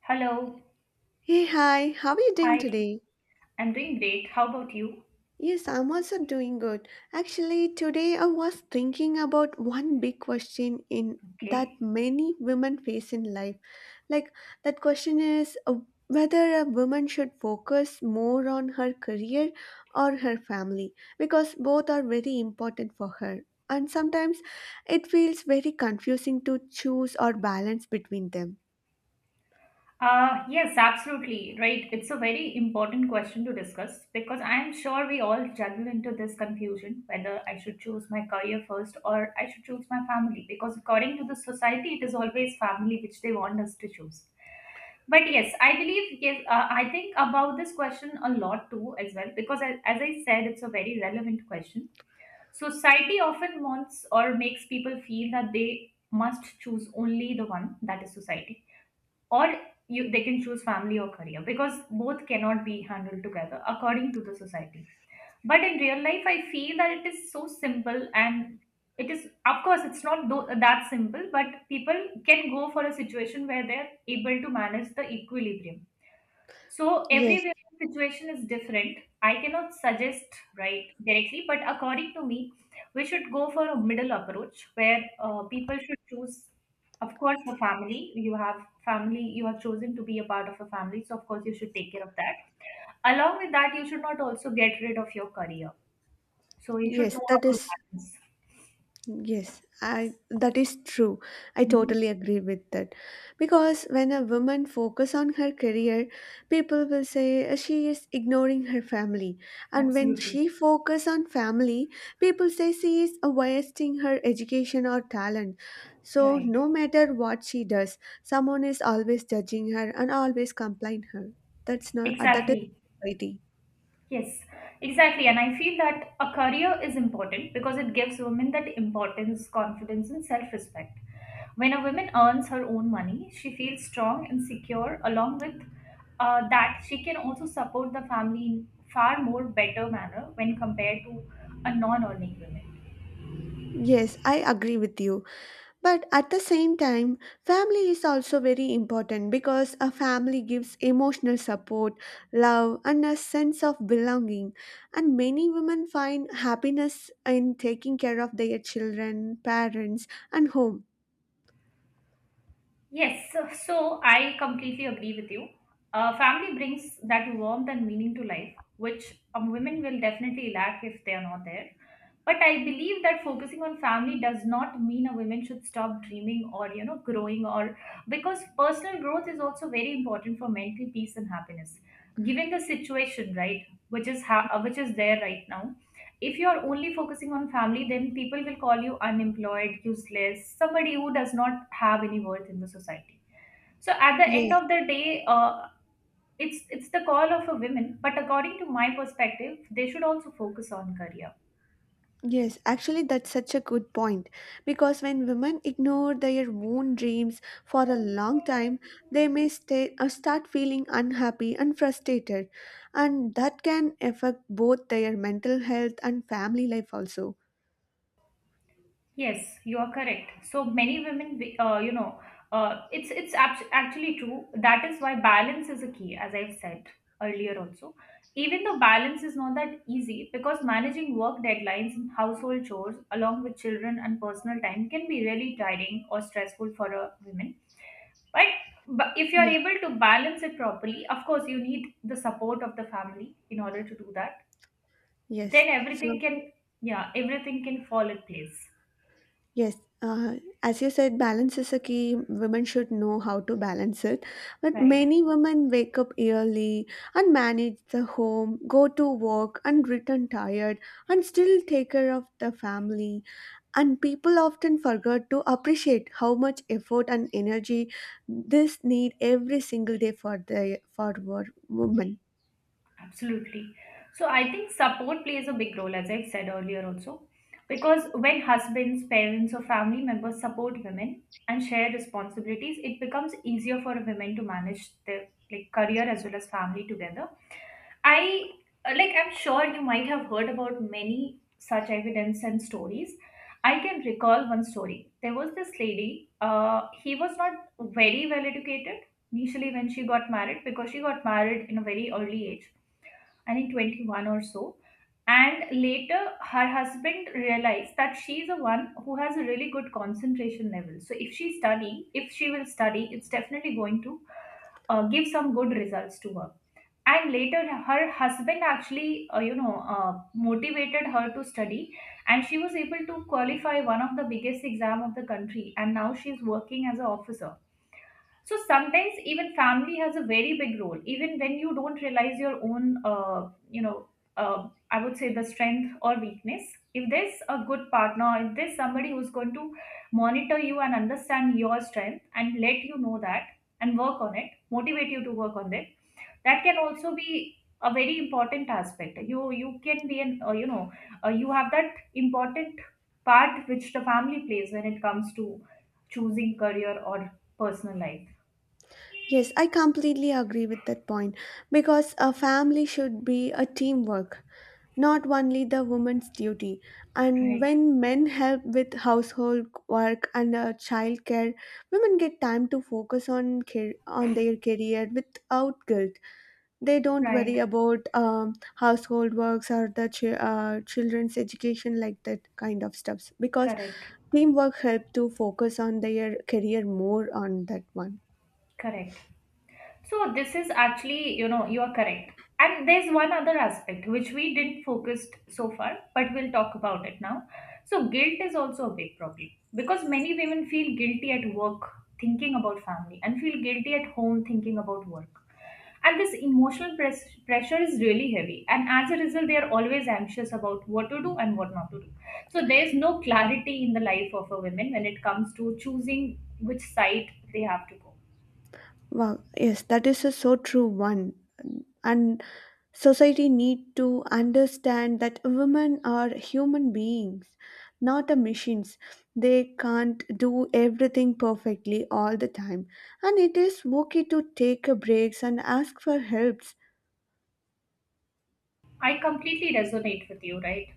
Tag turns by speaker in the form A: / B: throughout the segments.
A: Hello.
B: Hey, hi, how are you doing
A: Hi.
B: today?
A: I'm doing great. How about you?
B: Yes, I'm also doing good. Actually, today I was thinking about one big question in that
A: Okay.
B: many women face in life. Like that question is whether a woman should focus more on her career or her family because both are very important for her. And sometimes it feels very confusing to choose or balance between them.
A: Yes, absolutely. Right. It's a very important question to discuss because I'm sure we all juggle into this confusion whether I should choose my career first or I should choose my family because according to the society, it is always family which they want us to choose. But yes, I believe, yes, I think about this question a lot too, as well, because as I said, it's a very relevant question. Society often wants or makes people feel that they must choose only the one that is society, or they can choose family or career because both cannot be handled together according to the society. But in real life, I feel that it is so simple and of course, it's not that simple, but people can go for a situation where they're able to manage the equilibrium, so
B: Yes,
A: every situation is different. I cannot suggest right directly, but according to me, we should go for a middle approach where people should choose, of course, the family. You have family, you have chosen to be a part of a family, so of course you should take care of that. Along with that, you should not also get rid of your career. So you should
B: yes,
A: know
B: that
A: how to
B: is
A: balance.
B: Yes, I that is true. I
A: Mhm.
B: totally agree with that. Because when a woman focus on her career, people will say she is ignoring her family. And when
A: Absolutely.
B: she focus on family, people say she is wasting her education or talent. So
A: Right.
B: no matter what she does, someone is always judging her and always complain her. That's not that is
A: Exactly.
B: society.
A: Yes, exactly. And I feel that a career is important because it gives women that importance, confidence, and self respect. When a woman earns her own money, she feels strong and secure, along with that, she can also support the family in far more better manner when compared to a non earning woman.
B: Yes, I agree with you. But at the same time, family is also very important because a family gives emotional support, love, and a sense of belonging. And many women find happiness in taking care of their children, parents, and home.
A: Yes, so I completely agree with you. Family brings that warmth and meaning to life, which women will definitely lack if they are not there. But I believe that focusing on family does not mean a woman should stop dreaming or growing or because personal growth is also very important for mental peace and happiness. Given the situation, right, which is there right now, if you're only focusing on family, then people will call you unemployed, useless, somebody who does not have any worth in the society. So at the end
B: Yes.
A: of the day, it's the call of a woman, but according to my perspective, they should also focus on career.
B: Yes, actually, that's such a good point. Because when women ignore their own dreams for a long time, they may stay, start feeling unhappy and frustrated, and that can affect both their mental health and family life also.
A: Yes, you are correct. So many women, it's actually true. That is why balance is a key, as I've said earlier also. Even though balance is not that easy, because managing work deadlines and household chores along with children and personal time can be really tiring or stressful for a woman. But, but if you're
B: Yeah.
A: able to balance it properly, of course, you need the support of the family in order to do that. Then
B: Yes. So
A: yeah, everything can fall in place.
B: yes, uh, as you said, balance is a key. Women should know how to balance it. But
A: Right.
B: many women wake up early and manage the home, go to work and return tired and still take care of the family. And people often forget to appreciate how much effort and energy this need every single day for women.
A: Absolutely. So I think support plays a big role, as I said earlier also, because when husbands, parents, or family members support women and share responsibilities, it becomes easier for women to manage their like career as well as family together. I Like I'm sure you might have heard about many such evidence and stories. I can recall one story. There was this lady. He was not very well educated initially when she got married, because she got married in a very early age, I think 21 or so. And later, her husband realized that she's the one who has a really good concentration level. So if she will study, it's definitely going to give some good results to her. And later, her husband actually, motivated her to study, and she was able to qualify one of the biggest exam of the country. And now she's working as an officer. So sometimes even family has a very big role, even when you don't realize your own, I would say, the strength or weakness. If there's a good partner, if there's somebody who's going to monitor you and understand your strength and let you know that and work on it, motivate you to work on it, that can also be a very important aspect. You can be an you have that important part which the family plays when it comes to choosing career or personal life.
B: Yes, I completely agree with that point because a family should be a teamwork, not only the woman's duty. And
A: Right,
B: when men help with household work and child care, women get time to focus on care, on their career without guilt. They don't worry
A: right,
B: about household works or the children's education, like that kind of stuffs, because
A: correct,
B: teamwork help to focus on their career more on that one.
A: correct. So this is actually, you are correct. And there's one other aspect which we didn't focus so far, but we'll talk about it now. So guilt is also a big problem because many women feel guilty at work thinking about family and feel guilty at home thinking about work. And this emotional pressure is really heavy. And as a result, they are always anxious about what to do and what not to do. So there's no clarity in the life of a woman when it comes to choosing which side they have to go.
B: Wow, yes, that is a so true one. And society need to understand that women are human beings, not a machines. They can't do everything perfectly all the time. And it is okay to take a breaks and ask for help.
A: I completely resonate with you, right?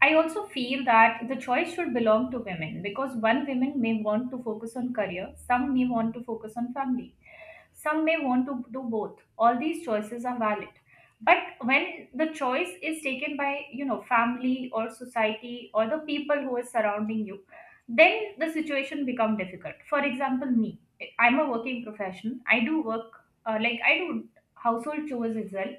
A: I also feel that the choice should belong to women, because one women may want to focus on career, some may want to focus on family, some may want to do both. All these choices are valid. But when the choice is taken by, family or society or the people who is surrounding you, then the situation become difficult. For example, me, I'm a working professional. I do work like I do household chores as well.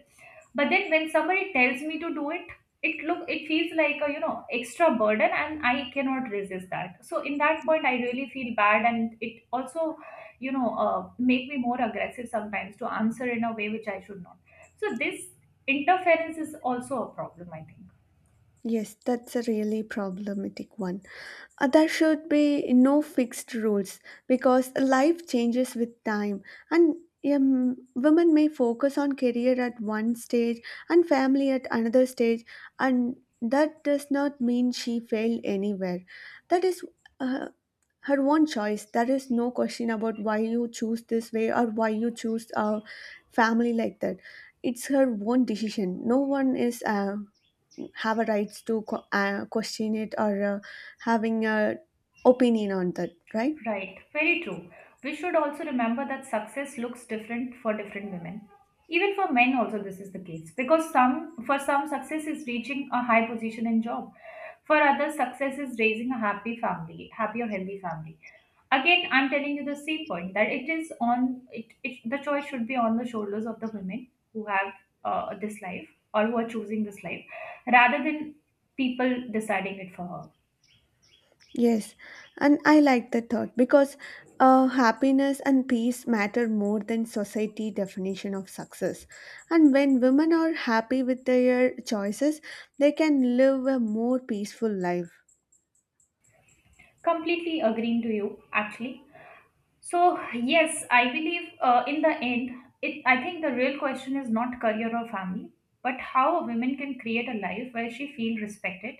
A: But then when somebody tells me to do it, it look it feels like a extra burden, and I cannot resist that. So in that point, I really feel bad, and it also make me more aggressive sometimes to answer in a way which I should not. So this interference is also a problem, I think.
B: Yes, that's a really problematic one. There should be no fixed rules because life changes with time, and women may focus on career at one stage and family at another stage, and that does not mean she failed anywhere. That is uh, her own choice. There is no question about why you choose this way or why you choose a family like that. It's her own decision. No one is. Have a rights to question it, or having a opinion on that, right?
A: Right, very true. We should also remember that success looks different for different women. Even for men also this is the case, because some for some success is reaching a high position in job. For others success is raising a happy family, happy or healthy family. Again, I'm telling you the same point, that it is on it, it the choice should be on the shoulders of the women who have this life, or who are choosing this life, rather than people deciding it for her.
B: Yes, and I like the thought because happiness and peace matter more than society definition of success, and when women are happy with their choices, they can live a more peaceful life.
A: Completely agreeing to you actually. So, yes, I believe in the end, I think the real question is not career or family, but how a woman can create a life where she feels respected,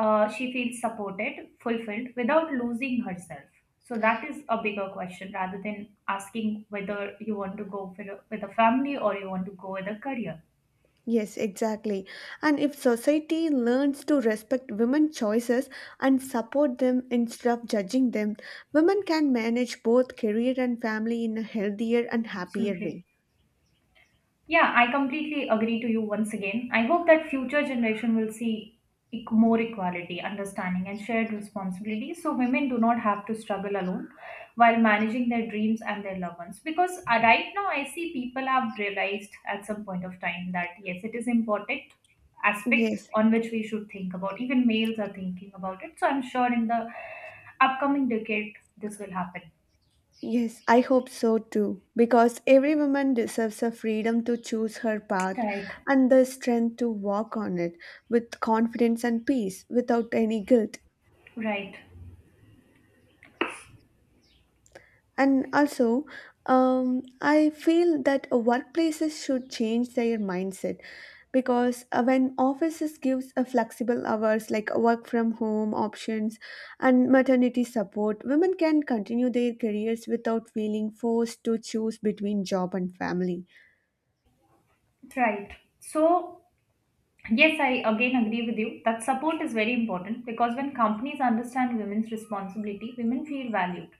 A: she feels supported, fulfilled without losing herself. So, that is a bigger question rather than asking whether you want to go with a family, or you want to go with a career.
B: Yes, exactly. And if society learns to respect women's choices and support them instead of judging them, women can manage both career and family in a healthier and happier
A: Absolutely.
B: way.
A: Yeah, I completely agree to you once again. I hope that future generation will see more equality, understanding, and shared responsibility, so women do not have to struggle alone while managing their dreams and their loved ones. Because right now, I see people have realized at some point of time that yes, it is important aspect
B: Yes,
A: on which we should think about. Even males are thinking about it. So I'm sure in the upcoming decade, this will happen.
B: yes, I hope so too. Because every woman deserves the freedom to choose her path
A: Right,
B: and the strength to walk on it with confidence and peace without any guilt.
A: right,
B: And also, I feel that workplaces should change their mindset because when offices gives a flexible hours, like work from home options and maternity support, women can continue their careers without feeling forced to choose between job and family.
A: right. So yes, I again agree with you that support is very important, because when companies understand women's responsibility, women feel valued.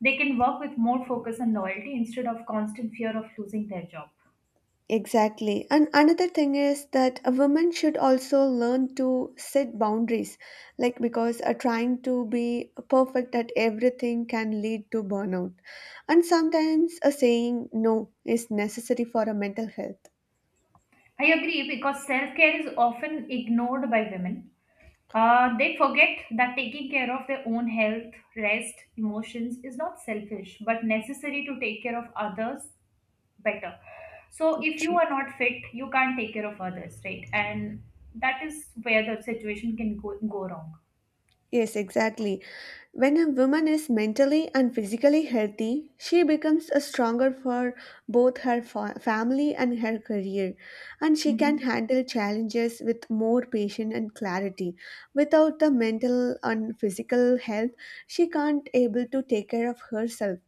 A: They can work with more focus and loyalty instead of constant fear of losing their job.
B: Exactly. And another thing is that a woman should also learn to set boundaries, like, because trying to be perfect at everything can lead to burnout. And sometimes a saying no is necessary for a mental health.
A: I agree, because self care is often ignored by women. They forget that taking care of their own health, rest, emotions is not selfish but necessary to take care of others better. So if you
B: True.
A: are not fit, you can't take care of others, right? And that is where the situation can go wrong.
B: Yes, exactly. When a woman is mentally and physically healthy, she becomes a stronger for both her family and her career, and she can
A: Mhm.
B: handle challenges with more patience and clarity. Without the mental and physical health, she can't able to take care of herself.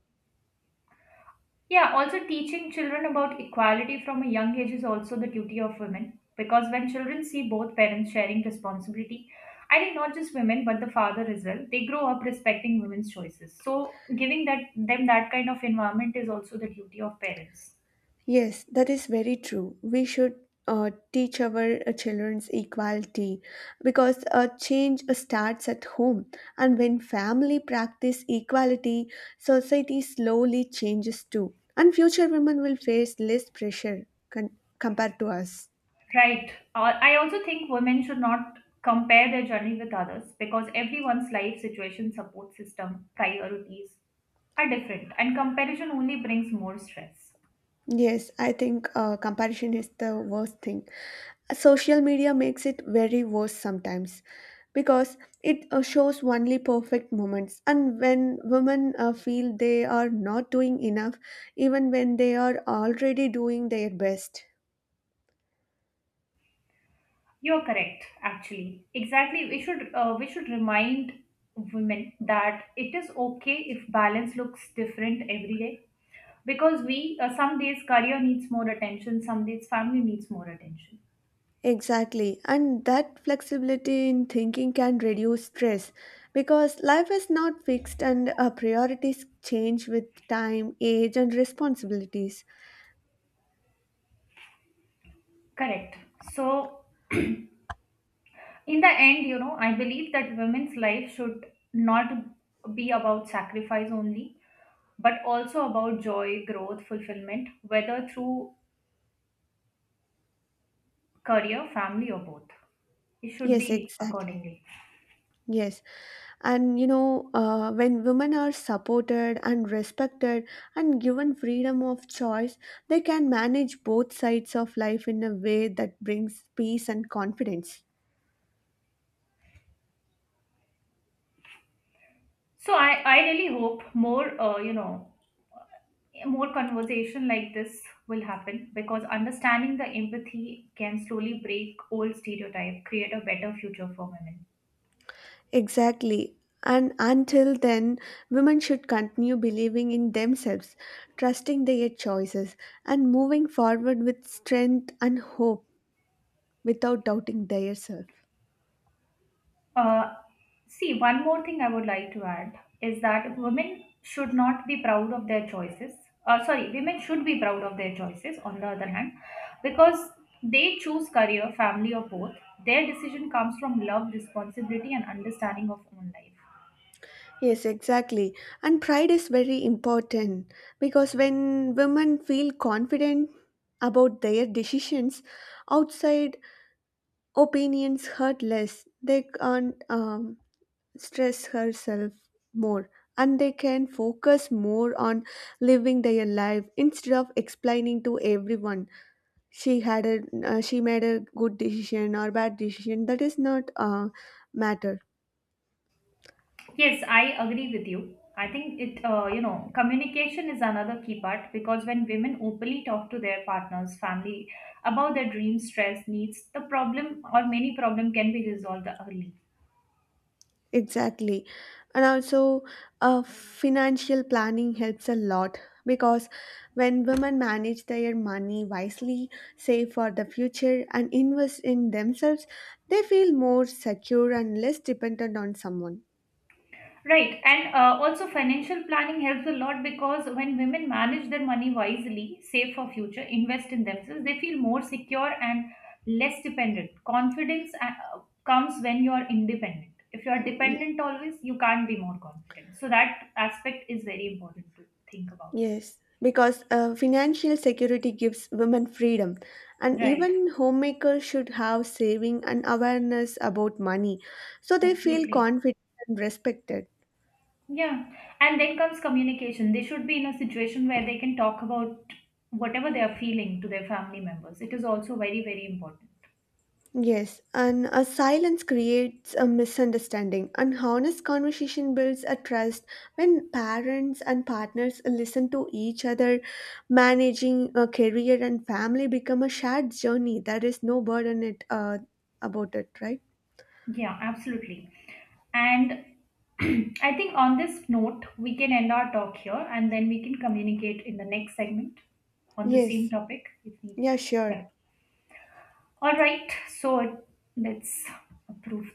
A: Yeah, also teaching children about equality from a young age is also the duty of women, because when children see both parents sharing responsibility, I think not just women but the father as well, they grow up respecting women's choices. So giving that them that kind of environment is also the duty of parents.
B: Yes, that is very true. We should teach our children's equality because change starts at home. And when family practice equality, society slowly changes too. And future women will face less pressure compared to us.
A: Right. I also think women should not compare their journey with others, because everyone's life situation, support system, priorities are different, and comparison only brings more stress.
B: Yes, I think comparison is the worst thing. Social media makes it very worse sometimes because it shows only perfect moments. And when women feel they are not doing enough, even when they are already doing their best.
A: You're correct, actually. Exactly. We should remind women that it is okay if balance looks different every day, because we some days career needs more attention, some days family needs more attention.
B: Exactly. And that flexibility in thinking can reduce stress because life is not fixed and priorities change with time, age, and responsibilities.
A: Correct. So in the end, I believe that women's life should not be about sacrifice only, but also about joy, growth, fulfillment, whether through career, family, or both. It should be
B: Yes, exactly.
A: accordingly.
B: Yes, and you know, when women are supported and respected and given freedom of choice, they can manage both sides of life in a way that brings peace and confidence.
A: So I really hope more more conversation like this will happen, because understanding the empathy can slowly break old stereotype, create a better future for women.
B: Exactly. And until then, women should continue believing in themselves, trusting their choices, and moving forward with strength and hope without doubting their self.
A: Uh, See, one more thing I would like to add is that women should not be proud of their choices. Sorry, women should be proud of their choices, on the other hand, because they choose career, family, or both. Their decision comes from love, responsibility, and understanding of own life.
B: Yes, exactly. And pride is very important because when women feel confident about their decisions, outside opinions hurt less. They can't stress herself more, and they can focus more on living their life instead of explaining to everyone she had a she made a good decision or bad decision. That is not matter.
A: Yes, I agree with you. I think communication is another key part, because when women openly talk to their partners, family about their dreams, stress, needs, the problem or many problem can be resolved early.
B: Exactly. And also, financial planning helps a lot because when women manage their money wisely, save for the future, and invest in themselves, they feel more secure and less dependent on someone.
A: Right, and also financial planning helps a lot, because when women manage their money wisely, save for future, invest in themselves, they feel more secure and less dependent. Confidence comes when you are independent. If you are
B: Y-
A: dependent always, you can't be more confident. So that aspect is very important to think about.
B: Yes, because financial security gives women freedom, and
A: Right,
B: even homemakers should have saving and awareness about money so they feel
A: absolutely.
B: confident and respected.
A: Yeah, and then comes communication. They should be in a situation where they can talk about whatever they are feeling to their family members. It is also very, very important.
B: Yes, and a silence creates a misunderstanding. An honest conversation builds a trust when parents and partners listen to each other. Managing a career and family become a shared journey. There is no burden it about it, right?
A: Yeah, absolutely. And I think on this note, we can end our talk here, and then we can communicate in the next segment on the same
B: Yes.
A: topic if needed.
B: Yeah,
A: Yeah.
B: sure.
A: All right. So let's approve